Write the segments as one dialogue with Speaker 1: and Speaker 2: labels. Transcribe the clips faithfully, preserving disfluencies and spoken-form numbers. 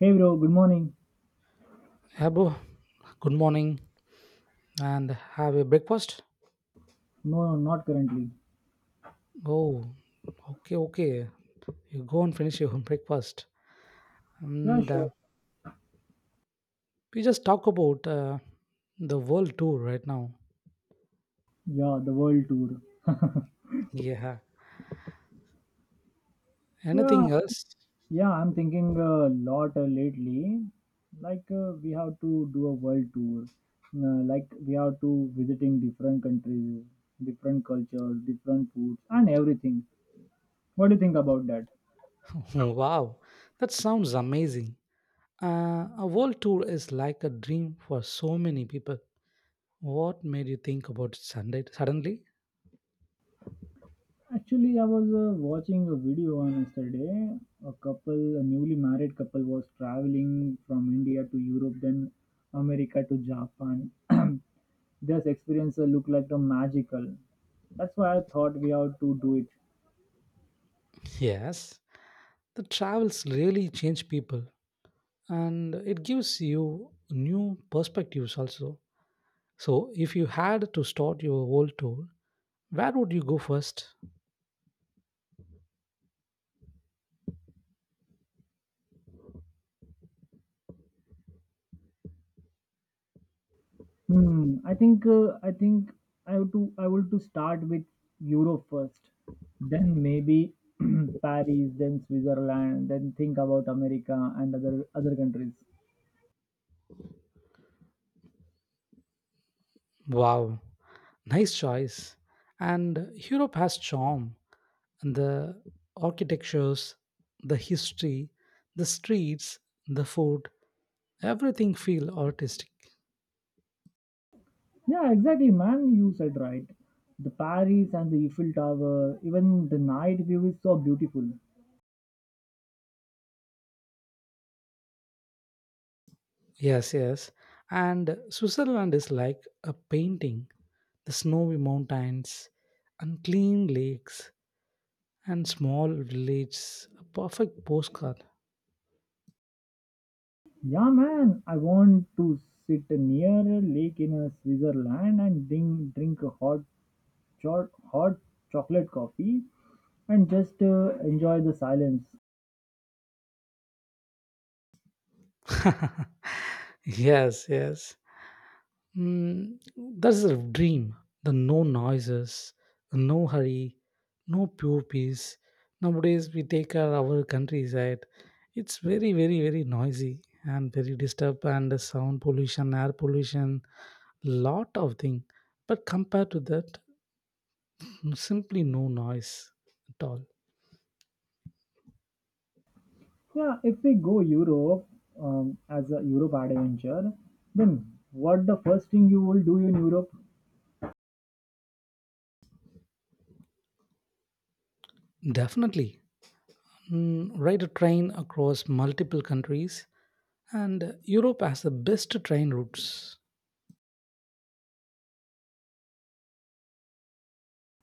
Speaker 1: Hey bro, good morning.
Speaker 2: Yeah, bro. Good morning and have a breakfast.
Speaker 1: No, no, not currently.
Speaker 2: Oh, okay, okay. You go and finish your breakfast.
Speaker 1: Yeah,
Speaker 2: And uh,
Speaker 1: sure.
Speaker 2: We just talk about uh, the world tour right now.
Speaker 1: Yeah, the world tour.
Speaker 2: Yeah.
Speaker 1: Yeah,
Speaker 2: Anything else?
Speaker 1: yeah, I'm thinking a lot uh, lately. Like uh, we have to do a world tour. Uh, like we have to visiting different countries, different cultures, different foods, and everything. What do you think about that?
Speaker 2: Wow. That sounds amazing. Uh, a world tour is like a dream for so many people. What made you think about Sunday suddenly?
Speaker 1: Actually, I was uh, watching a video on yesterday. A couple, a newly married couple, was traveling from India to Europe, then America to Japan. This experience uh, looked like a magical. That's why I thought we have to do it.
Speaker 2: Yes. The travels really change people, and it gives you new perspectives also. So, if you had to start your whole tour, where would you go first?
Speaker 1: Hmm. I think uh, I think I have to I want to start with Europe first, then maybe Paris, then Switzerland, then think about America and other other countries.
Speaker 2: Wow, nice choice. And Europe has charm and the architectures, the history, the streets, the food, everything feel artistic.
Speaker 1: Yeah, exactly, man. You said right. The Paris and the Eiffel Tower, even the night view is so beautiful.
Speaker 2: Yes, yes. And Switzerland is like a painting, the snowy mountains and clean lakes and small village, a perfect postcard.
Speaker 1: Yeah, man. I want to sit near a lake in a Switzerland and drink drink a hot cho- hot chocolate coffee and just uh, enjoy the silence.
Speaker 2: Yes, yes. mm, that's a dream, the no noises, the no hurry, no pure peace. Nowadays we take our, our countryside, it's very very very noisy and very disturbed, and the sound pollution, air pollution, lot of thing. But compared to that, simply no noise at all.
Speaker 1: Yeah, if we go Europe um, as a Europe adventure, then what the first thing you will do in Europe?
Speaker 2: Definitely. Mm, ride a train across multiple countries, and Europe has the best train routes.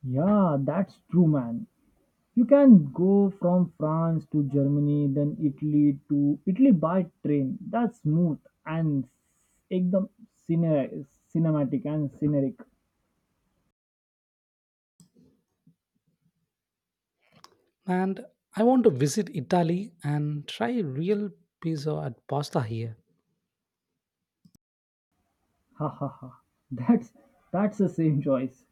Speaker 1: Yeah, that's true, man. You can go from France to Germany, then Italy to Italy by train. That's smooth and एकदम cine- cinematic and scenic.
Speaker 2: And I want to visit Italy and try real pizza and pasta here.
Speaker 1: Ha ha ha. That's that's the same choice.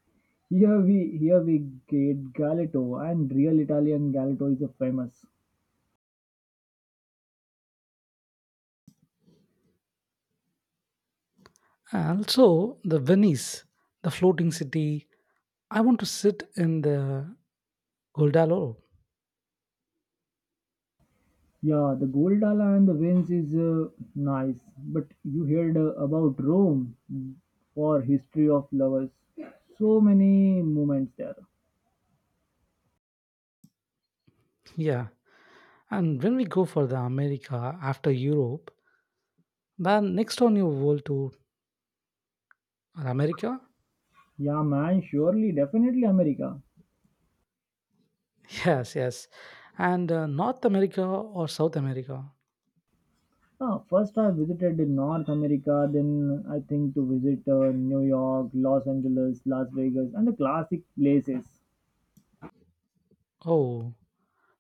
Speaker 1: Here we here we get Galato and real Italian Galato is a famous.
Speaker 2: And also the Venice, the floating city. I want to sit in the Goldalo.
Speaker 1: Yeah, the Goldala and the Venice is uh, nice, but you heard uh, about Rome for history of lovers. So many moments there.
Speaker 2: Yeah. And when we go for the America after Europe, then next on your world to America?
Speaker 1: Yeah, man, surely, definitely America.
Speaker 2: Yes, yes. And uh, North America or South America?
Speaker 1: Ah, first, I visited in North America, then I think to visit uh, New York, Los Angeles, Las Vegas, and the classic places.
Speaker 2: Oh,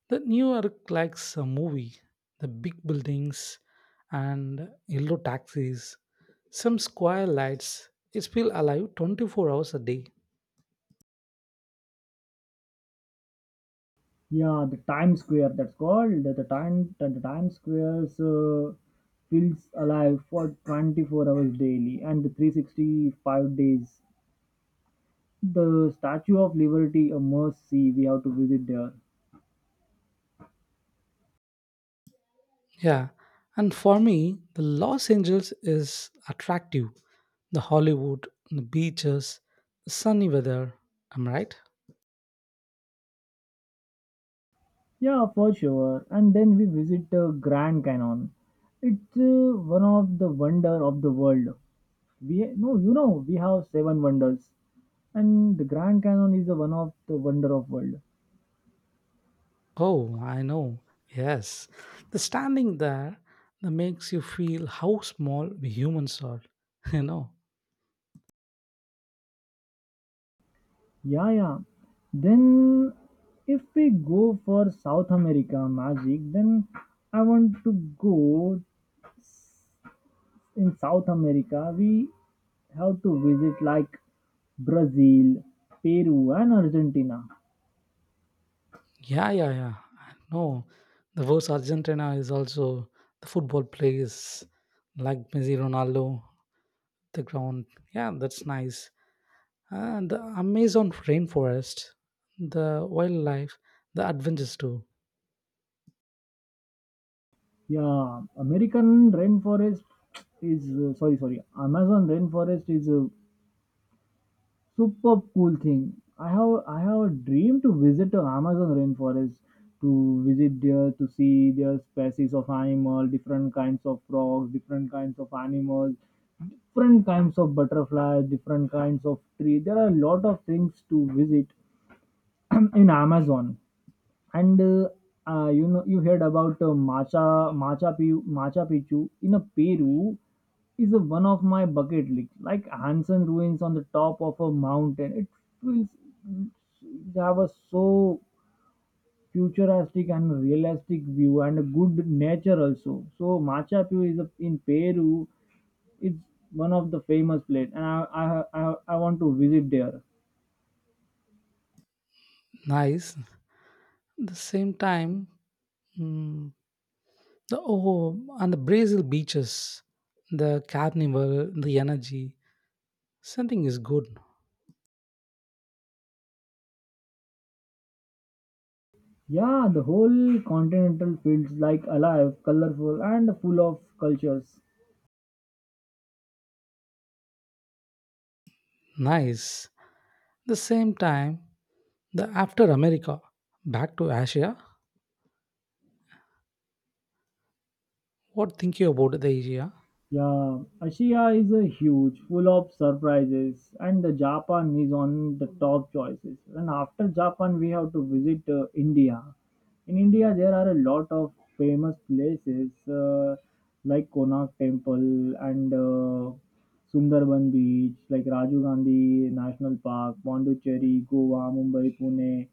Speaker 2: the New York likes a movie, the big buildings and yellow taxis, some square lights. It's feel alive twenty-four hours a day.
Speaker 1: Yeah, the Times Square, that's called. The, the, time, the, the Times Square's uh, feels alive for twenty-four hours daily and three hundred sixty-five days. The Statue of Liberty, a must see, we have to visit there.
Speaker 2: Yeah. And for me, the Los Angeles is attractive. The Hollywood, the beaches, the sunny weather. Am I right?
Speaker 1: Yeah, for sure. And then we visit the Grand Canyon. It's uh, one of the wonder of the world. We no, you know, we have seven wonders, and the Grand Canyon is the one of the wonder of world.
Speaker 2: Oh, I know. Yes. The standing there, that makes you feel how small we humans are, you know.
Speaker 1: Yeah, yeah. Then, if we go for South America magic, then I want to go in South America. We have to visit like Brazil, Peru, and Argentina.
Speaker 2: Yeah, yeah, yeah. No, the worst Argentina is also the football players like Messi, Ronaldo, the ground. Yeah, that's nice. And the Amazon rainforest, the wildlife, the adventures too.
Speaker 1: Yeah, American rainforest is uh, sorry, sorry. Amazon rainforest is a super cool thing. I have I have a dream to visit the Amazon rainforest to visit there to see their species of animal, different kinds of frogs, different kinds of animals, different kinds of butterflies, different kinds of tree. There are a lot of things to visit in Amazon and uh, uh, you know you heard about uh, Macha Macha Picchu, Macha Picchu in a Peru is a one of my bucket list. Like Hansen ruins on the top of a mountain, it feels it have a so futuristic and realistic view and a good nature also. So Machu Picchu is a, in Peru. It's one of the famous place, and I I I, I want to visit there.
Speaker 2: Nice. The same time, mm, the oh, and the Brazil beaches, the carnival, the energy, something is good.
Speaker 1: Yeah, the whole continental feels like alive, colorful, and full of cultures.
Speaker 2: Nice. The same time, the after America, back to Asia. What think you about the Asia?
Speaker 1: Yeah, Asia is a huge, full of surprises, and the Japan is on the top choices. And after Japan, we have to visit uh, India. In India, there are a lot of famous places uh, like Konark Temple and uh, Sundarban Beach, like Rajiv Gandhi National Park, Pondicherry, Goa, Mumbai, Pune,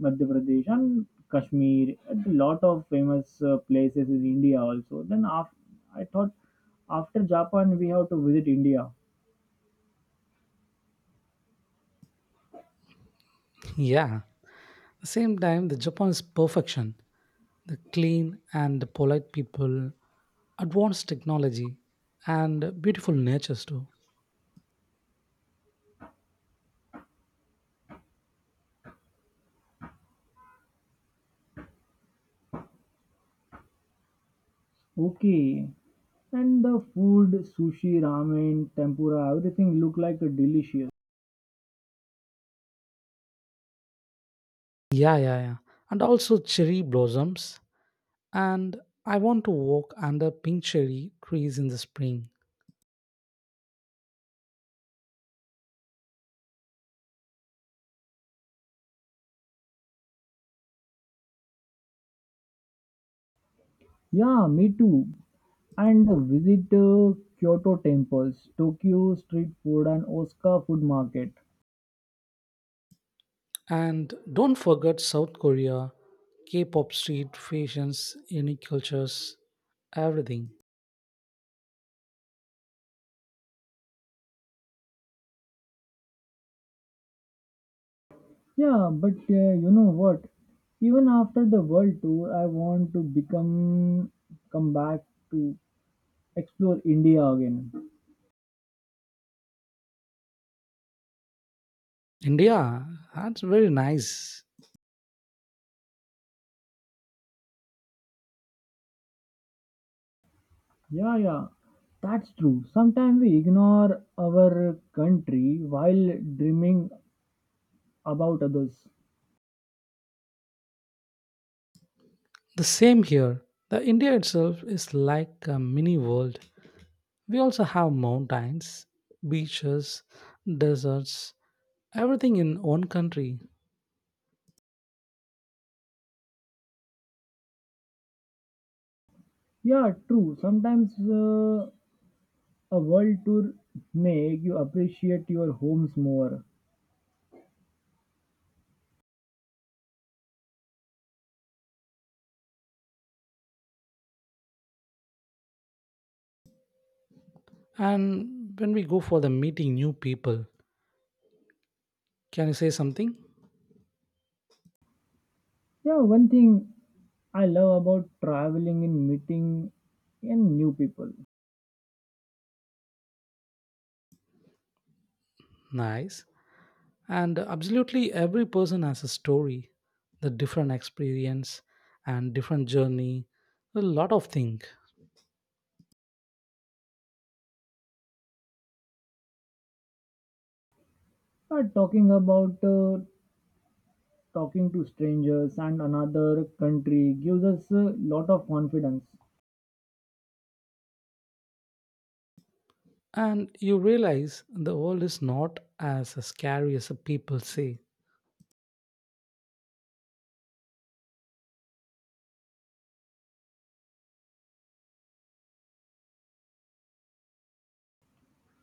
Speaker 1: Madhya Pradesh, and Kashmir. A lot of famous uh, places in India also. Then after, I thought after Japan, we have to visit India.
Speaker 2: Yeah. The same time, the Japan is perfection. The clean and polite people, advanced technology, and beautiful natures too.
Speaker 1: Okay. And the food, sushi, ramen, tempura, everything look like a delicious.
Speaker 2: Yeah, yeah, yeah. And also cherry blossoms. And I want to walk under pink cherry trees in the spring.
Speaker 1: Yeah, me too. and visit uh, Kyoto temples, Tokyo street food, and Osaka food market.
Speaker 2: And don't forget South Korea, K pop street, fashions, unique cultures, everything.
Speaker 1: Yeah, but uh, you know what? Even after the world tour, I want to become come back to explore India again.
Speaker 2: India, that's very nice.
Speaker 1: Yeah, yeah, that's true. Sometimes we ignore our country while dreaming about others.
Speaker 2: The same here. The India itself is like a mini world. We also have mountains, beaches, deserts, everything in one country.
Speaker 1: Yeah, true. Sometimes uh, a world tour make you appreciate your homes more.
Speaker 2: And when we go for the meeting new people, can you say something
Speaker 1: Yeah, one thing I love about traveling and meeting and new people.
Speaker 2: nice? And absolutely every person has a story, the different experience and different journey, a lot of things.
Speaker 1: Uh, talking about uh, Talking to strangers and another country gives us a lot of confidence.
Speaker 2: And you realize the world is not as scary as the people say.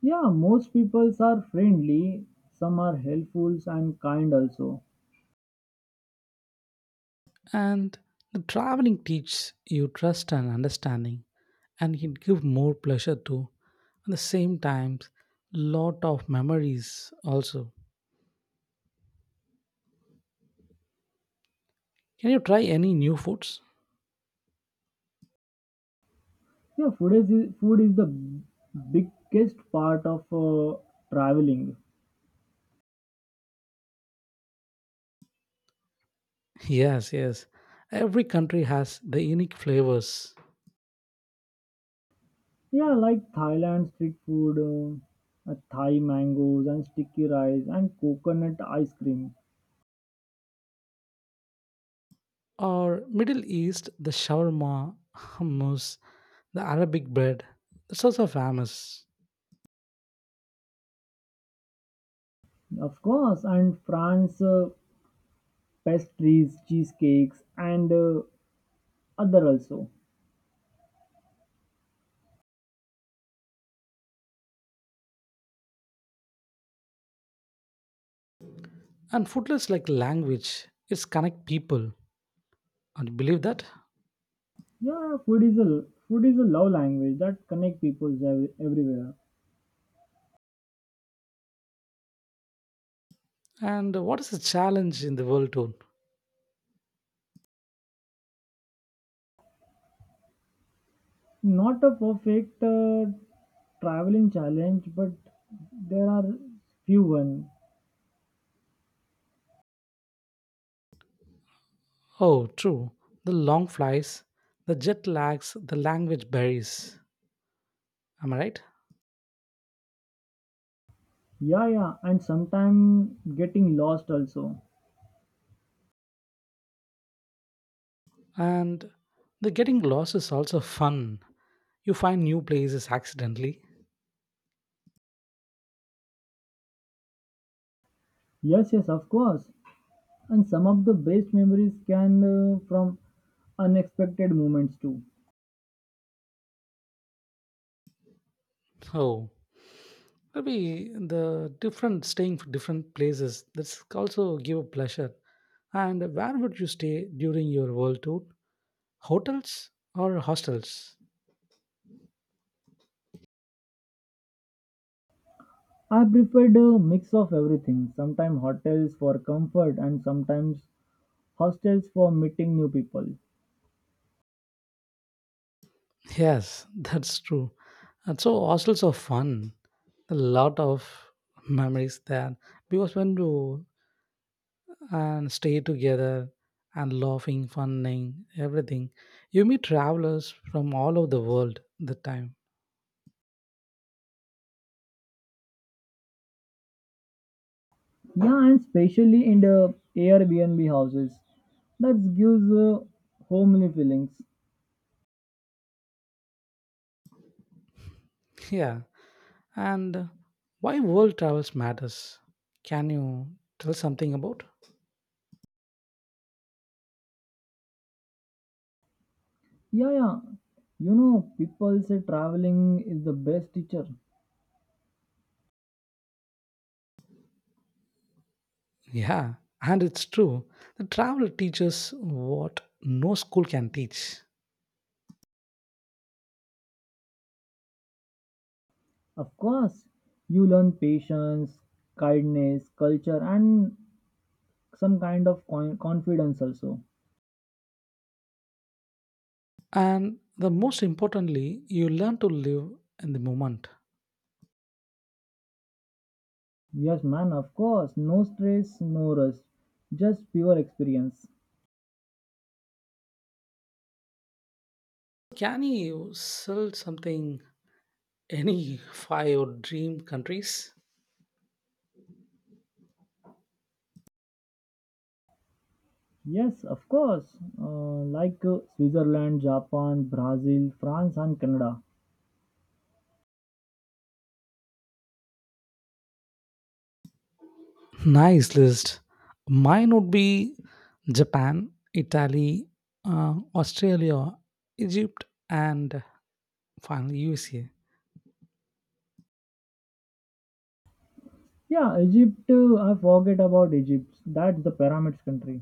Speaker 1: Yeah, most peoples are friendly. Some are helpful and kind also.
Speaker 2: And the traveling teaches you trust and understanding, and it gives more pleasure too. At the same time, lot of memories also. Can you try any new foods?
Speaker 1: Yeah, food is food is the biggest part of uh, traveling.
Speaker 2: Yes, yes. Every country has the unique flavors.
Speaker 1: Yeah, like Thailand street food, uh, uh, Thai mangoes and sticky rice and coconut ice cream.
Speaker 2: Or Middle East, the shawarma, hummus, the Arabic bread. It's also famous.
Speaker 1: Of course, and France uh, pastries, cheesecakes, and uh, other also.
Speaker 2: And foodless like language, it's connect people. And believe that?
Speaker 1: Yeah, food is a food is a love language that connect people ev- everywhere.
Speaker 2: And what is the challenge in the world tour?
Speaker 1: Not a perfect uh, traveling challenge, but there are few one.
Speaker 2: Oh, true. The long flights, the jet lags, the language barriers. Am I right?
Speaker 1: Yeah, yeah, and sometimes getting lost also.
Speaker 2: And the getting lost is also fun. You find new places accidentally.
Speaker 1: Yes, yes, of course. And some of the best memories can uh, from unexpected moments too.
Speaker 2: Oh, maybe the different staying for different places. That's also give a pleasure. And where would you stay during your world tour? Hotels or hostels?
Speaker 1: I preferred a mix of everything, sometimes hotels for comfort and sometimes hostels for meeting new people.
Speaker 2: Yes, that's true. And so hostels are fun. A lot of memories there, because when you and stay together and laughing, funning, everything, you meet travelers from all over the world the time.
Speaker 1: Yeah, and especially in the Airbnb houses, that gives uh, homely feelings.
Speaker 2: Yeah, and why world travels matters? Can you tell something about?
Speaker 1: Yeah, yeah. You know, people say traveling is the best teacher.
Speaker 2: Yeah, and it's true. The travel teaches what no school can teach.
Speaker 1: Of course, you learn patience, kindness, culture, and some kind of con- confidence also.
Speaker 2: And the most importantly, you learn to live in the moment.
Speaker 1: Yes, man, of course. No stress, no rush. Just pure experience.
Speaker 2: Can you sell something any five dream countries?
Speaker 1: Yes, of course. Uh, like uh, Switzerland, Japan, Brazil, France, and Canada.
Speaker 2: Nice list. Mine would be Japan, Italy, uh, Australia, Egypt, and finally U S A.
Speaker 1: Yeah, Egypt. Uh, I forget about Egypt. That's the pyramids country.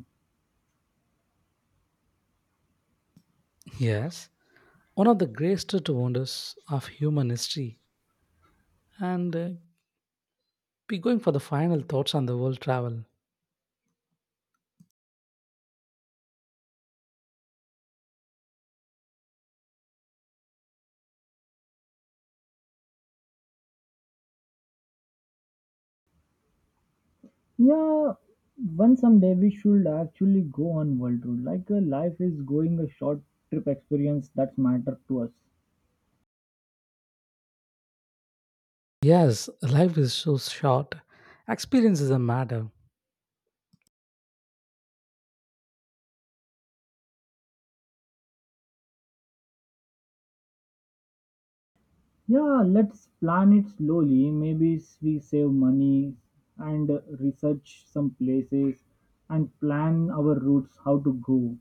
Speaker 2: Yes, one of the greatest wonders of human history. And uh, Be going for the final thoughts on the world travel.
Speaker 1: Yeah, one someday we should actually go on world tour. Like uh, life is going a short trip experience that's matter to us.
Speaker 2: Yes, life is so short. Experiences a matter.
Speaker 1: Yeah, let's plan it slowly. Maybe s- we save money and uh, research some places and plan our routes how to go.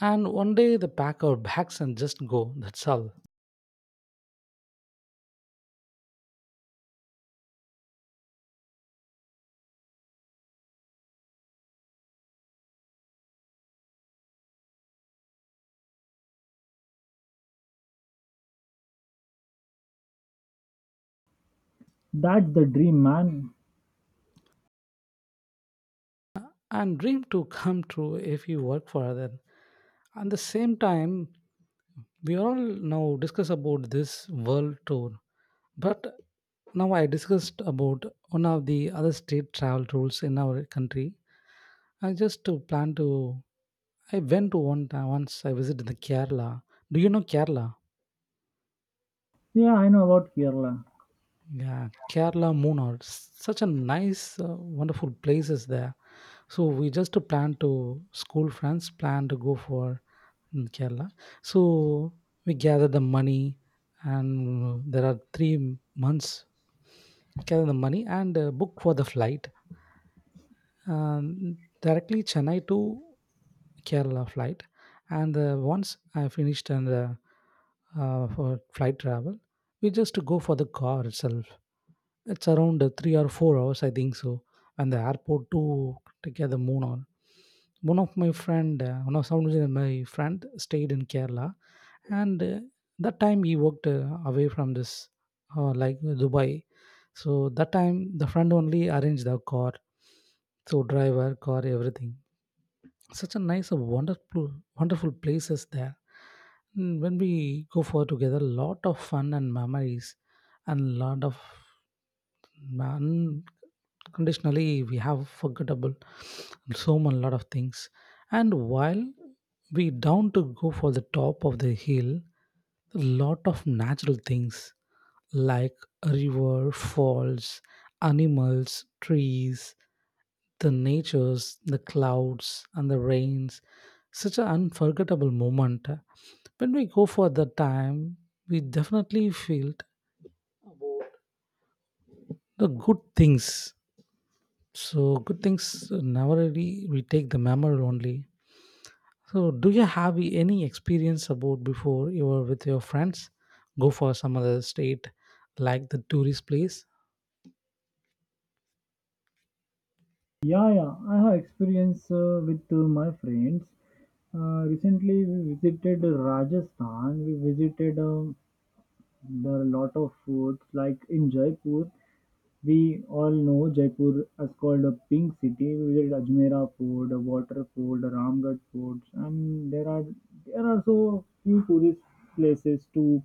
Speaker 2: And one day they pack our bags and just go, that's all.
Speaker 1: That's the dream, man.
Speaker 2: And dream to come true if you work for other. At the same time, we all now discuss about this world tour. But now I discussed about one of the other state travel rules in our country. I just to plan to I went to one time once I visited the Kerala. Do you know Kerala?
Speaker 1: Yeah, I know about Kerala.
Speaker 2: Yeah, Kerala, Munnar, s- such a nice, uh, wonderful places there. So we just plan to school friends plan to go for mm, Kerala. So we gather the money, and uh, there are three m- months gather the money and uh, book for the flight, um, directly Chennai to Kerala flight. And uh, Once I finished and uh, uh, for flight travel, we just go for the car itself. It's around uh, three or four hours, I think so. And the airport to take care the moon on. One of my friend, uh, one of someone in my friend stayed in Kerala, and uh, that time he worked uh, away from this, uh, like Dubai. So that time the friend only arranged the car, so driver, car, everything. Such a nice, a wonderful, wonderful places there. Mm, When we go for together, lot of fun and memories, and lot of unconditionally we have forgettable so much lot of things. And while we down to go for the top of the hill, a lot of natural things like river falls, animals, trees, the natures, the clouds and the rains, such an unforgettable moment. When we go for the time, we definitely feel the good things. So good things uh, never really we take the memory only. So do you have any experience about before you were with your friends go for some other state like the tourist place?
Speaker 1: Yeah, yeah, I have experience uh, with uh, my friends. Uh, recently, we visited Rajasthan. We visited um, there are a lot of foods like in Jaipur. We all know Jaipur is called a pink city. We visit Ajmera Fort, a water fort, a Ramgarh Fort, and there are there are so few tourist places to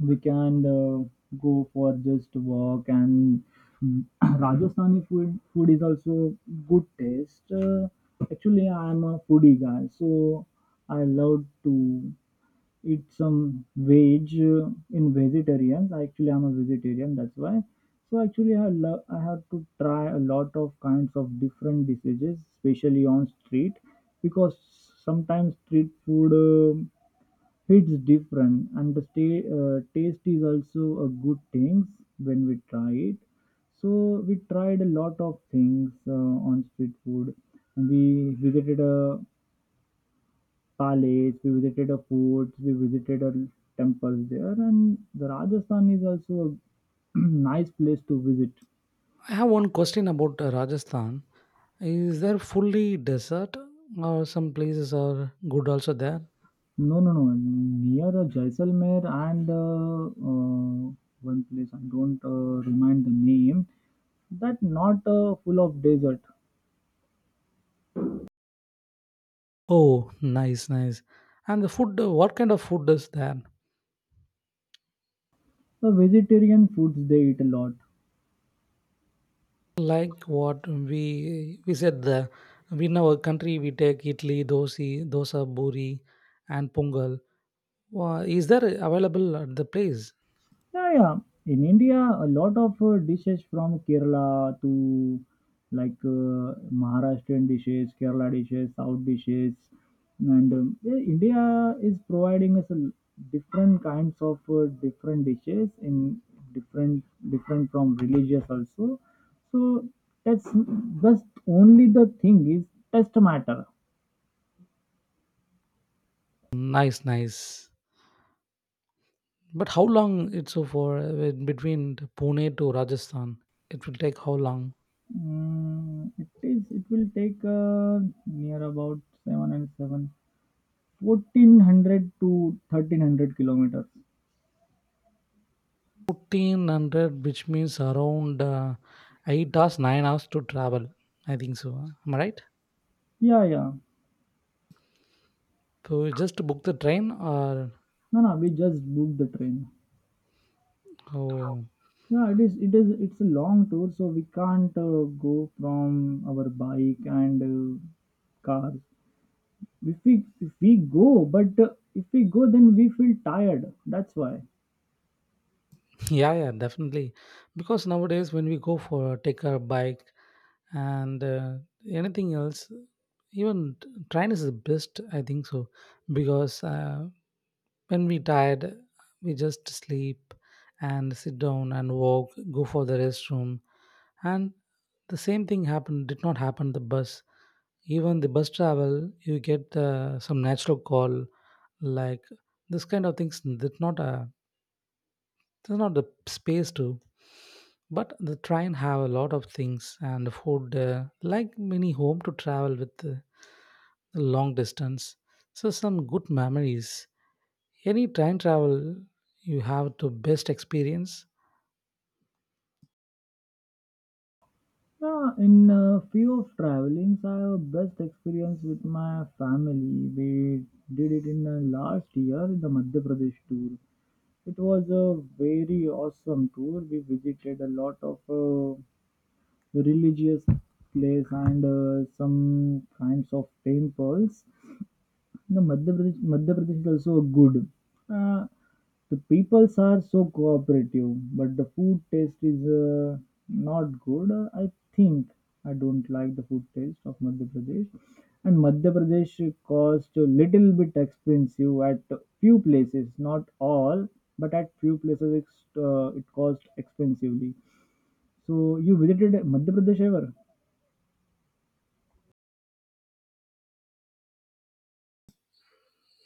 Speaker 1: we can uh, go for just walk and mm, Rajasthani food food is also good taste. Uh, actually, I am a foodie guy, so I love to eat some veg uh, in vegetarian. Actually, I'm a vegetarian, that's why. So actually, I love I have to try a lot of kinds of different dishes, especially on street, because sometimes street food um hits different, and the stay, uh, taste is also a good thing when we try it. So we tried a lot of things uh, on street food. We visited a Palace, we visited a fort, we visited a temples there, and the Rajasthan is also a nice place to visit.
Speaker 2: I have one question about uh, Rajasthan. Is there fully desert or some places are good also there?
Speaker 1: No, no, no, near uh, Jaisalmer and uh, uh, one place I don't uh, remind the name. That not uh, full of desert.
Speaker 2: Oh, nice, nice. And the food, uh, what kind of food is there?
Speaker 1: The vegetarian foods they eat a lot.
Speaker 2: Like what we we said the in our country we take idli, dosi, dosa, buri, and pongal. Wha- Is there available at the place?
Speaker 1: Yeah, yeah. In India, a lot of uh, dishes from Kerala to like uh, Maharashtrian dishes, Kerala dishes, South dishes, and um, yeah, India is providing us a l- different kinds of uh, different dishes in different different from religious also. So that's just only the thing is test matter.
Speaker 2: Nice, nice. But how long it's so for uh, between Pune to Rajasthan? It will take how long?
Speaker 1: Mm, it is. It will take uh, near about seven and seven. fourteen hundred to thirteen hundred kilometers.
Speaker 2: Fourteen hundred, which means around uh, eight hours, nine hours to travel. I think so. Am I right?
Speaker 1: Yeah, yeah.
Speaker 2: So just to book the train or
Speaker 1: No, no, we just booked the train.
Speaker 2: how?
Speaker 1: Yeah, it is, it is, it's a long tour, so we can't uh, go from our bike and uh, car. If we, if we go, but uh, if we go, then we feel tired. That's why.
Speaker 2: Yeah, yeah, definitely. Because nowadays, when we go for take a bike and uh, anything else, even t- train is the best, I think so. Because uh, when we tired, we just sleep and sit down and walk, go for the restroom, and the same thing happened. Did not happen the bus. Even the bus travel, you get uh, some natural call like this kind of things. Did not. Uh, there's not the space to. But the train have a lot of things and food uh, like many home to travel with uh, long distance, so some good memories, any train travel you have to best experience.
Speaker 1: Yeah, in uh, few of travelings, I have best experience with my family. We did it in uh, last year, the Madhya Pradesh tour. It was a very awesome tour. We visited a lot of uh, religious place and uh, some kinds of temples. No, Madhya Pradesh, Madhya Pradesh is also good. Uh, the peoples are so cooperative, but the food taste is uh, not good. Uh, I think I don't like the food taste of Madhya Pradesh, and Madhya Pradesh cost a little bit expensive at few places, not all, but at few places it's, uh, it cost expensively. So you visited Madhya Pradesh ever?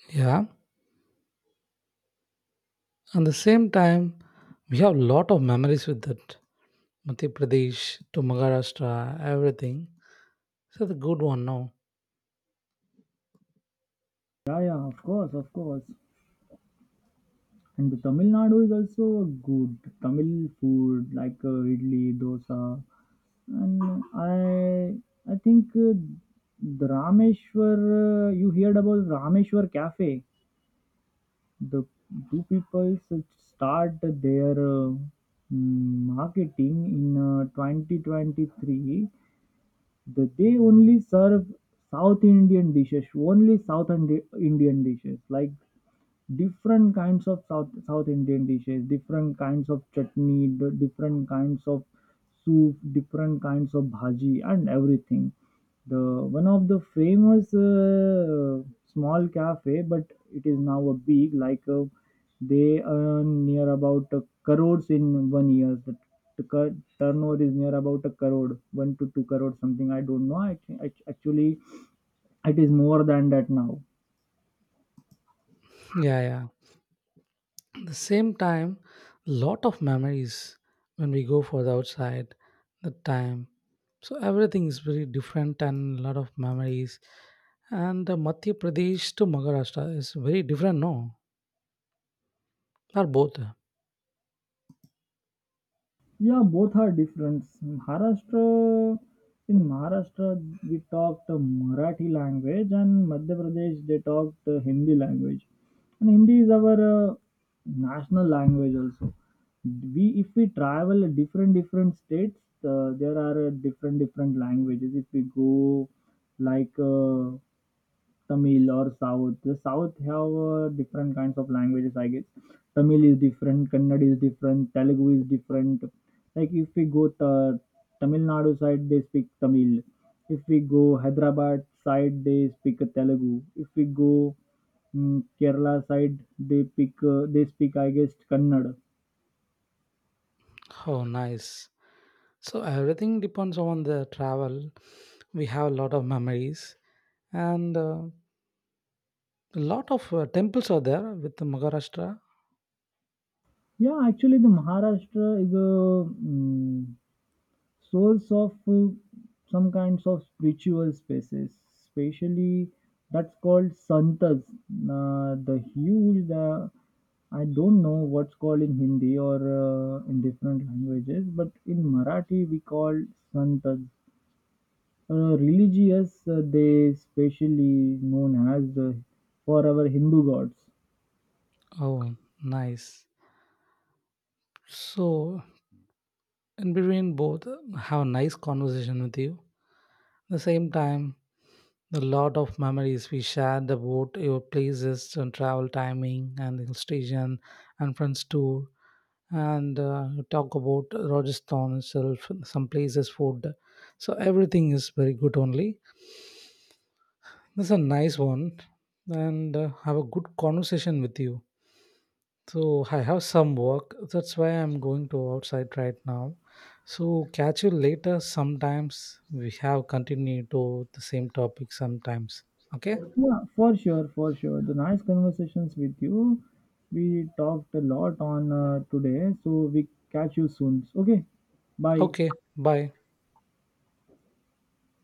Speaker 2: Yeah, and the same time we have lot of memories with that Madhya Pradesh to Maharashtra, everything. So the good one, no?
Speaker 1: Yeah, yeah, of course, of course. And the Tamil Nadu is also good Tamil food like uh, idli, dosa, and I I think uh, the Rameshwar. Uh, you heard about Rameshwar Cafe? The two people start their uh, mm, marketing in uh, twenty twenty-three. That they only serve South Indian dishes, only South Indi- Indian dishes like different kinds of south south indian dishes, different kinds of chutney, d- different kinds of soup, different kinds of bhaji, and everything. The one of the famous uh, small cafe, but it is now a big. Like uh, they earn near about uh, crores in one year. the, the cur- turnover is near about a crore, one to two crore something. I don't know. I, I actually, it is more than that now.
Speaker 2: Yeah, yeah. The same time, lot of memories when we go for the outside the time. So everything is very different and lot of memories. And the Madhya Pradesh to Maharashtra is very different, no? Or both?
Speaker 1: Yeah, both are different. Maharashtra, in Maharashtra, we talked uh, Marathi language, and Madhya Pradesh they talked uh, Hindi language. And Hindi is our uh, national language also. We if we travel different different states, uh, there are uh, different different languages. If we go like uh, Tamil or South. The South have uh, different kinds of languages, I guess. Tamil is different, Kannada is different, Telugu is different. Like if we go to Tamil Nadu side, they speak Tamil. If we go Hyderabad side, they speak Telugu. If we go mm, Kerala side, they pick uh, they speak I guess Kannada.
Speaker 2: Oh, nice. So everything depends on the travel. We have a lot of memories and uh, a lot of uh, temples are there with the Maharashtra.
Speaker 1: Yeah, actually the Maharashtra is a mm, souls of uh, some kinds of spiritual spaces, especially that's called santas. Uh, the huge, the I don't know what's called in Hindi or uh, in different languages, but in Marathi we call santas. Uh, religious, uh, they specially known as uh, for our Hindu gods.
Speaker 2: Oh, nice. So in between both, have a nice conversation with you. At the same time, the lot of memories we shared about your places and travel timing and the hill station and friends tour and uh, you talk about Rajasthan itself, some places, food. So everything is very good only. This is a nice one, and uh, have a good conversation with you. So I have some work. That's why I'm going to outside right now. So catch you later. Sometimes we have continued to the same topic sometimes. Okay?
Speaker 1: Yeah, for sure, for sure. The nice conversations with you. We talked a lot on uh, today, so we catch you soon. Okay, bye.
Speaker 2: Okay. Bye.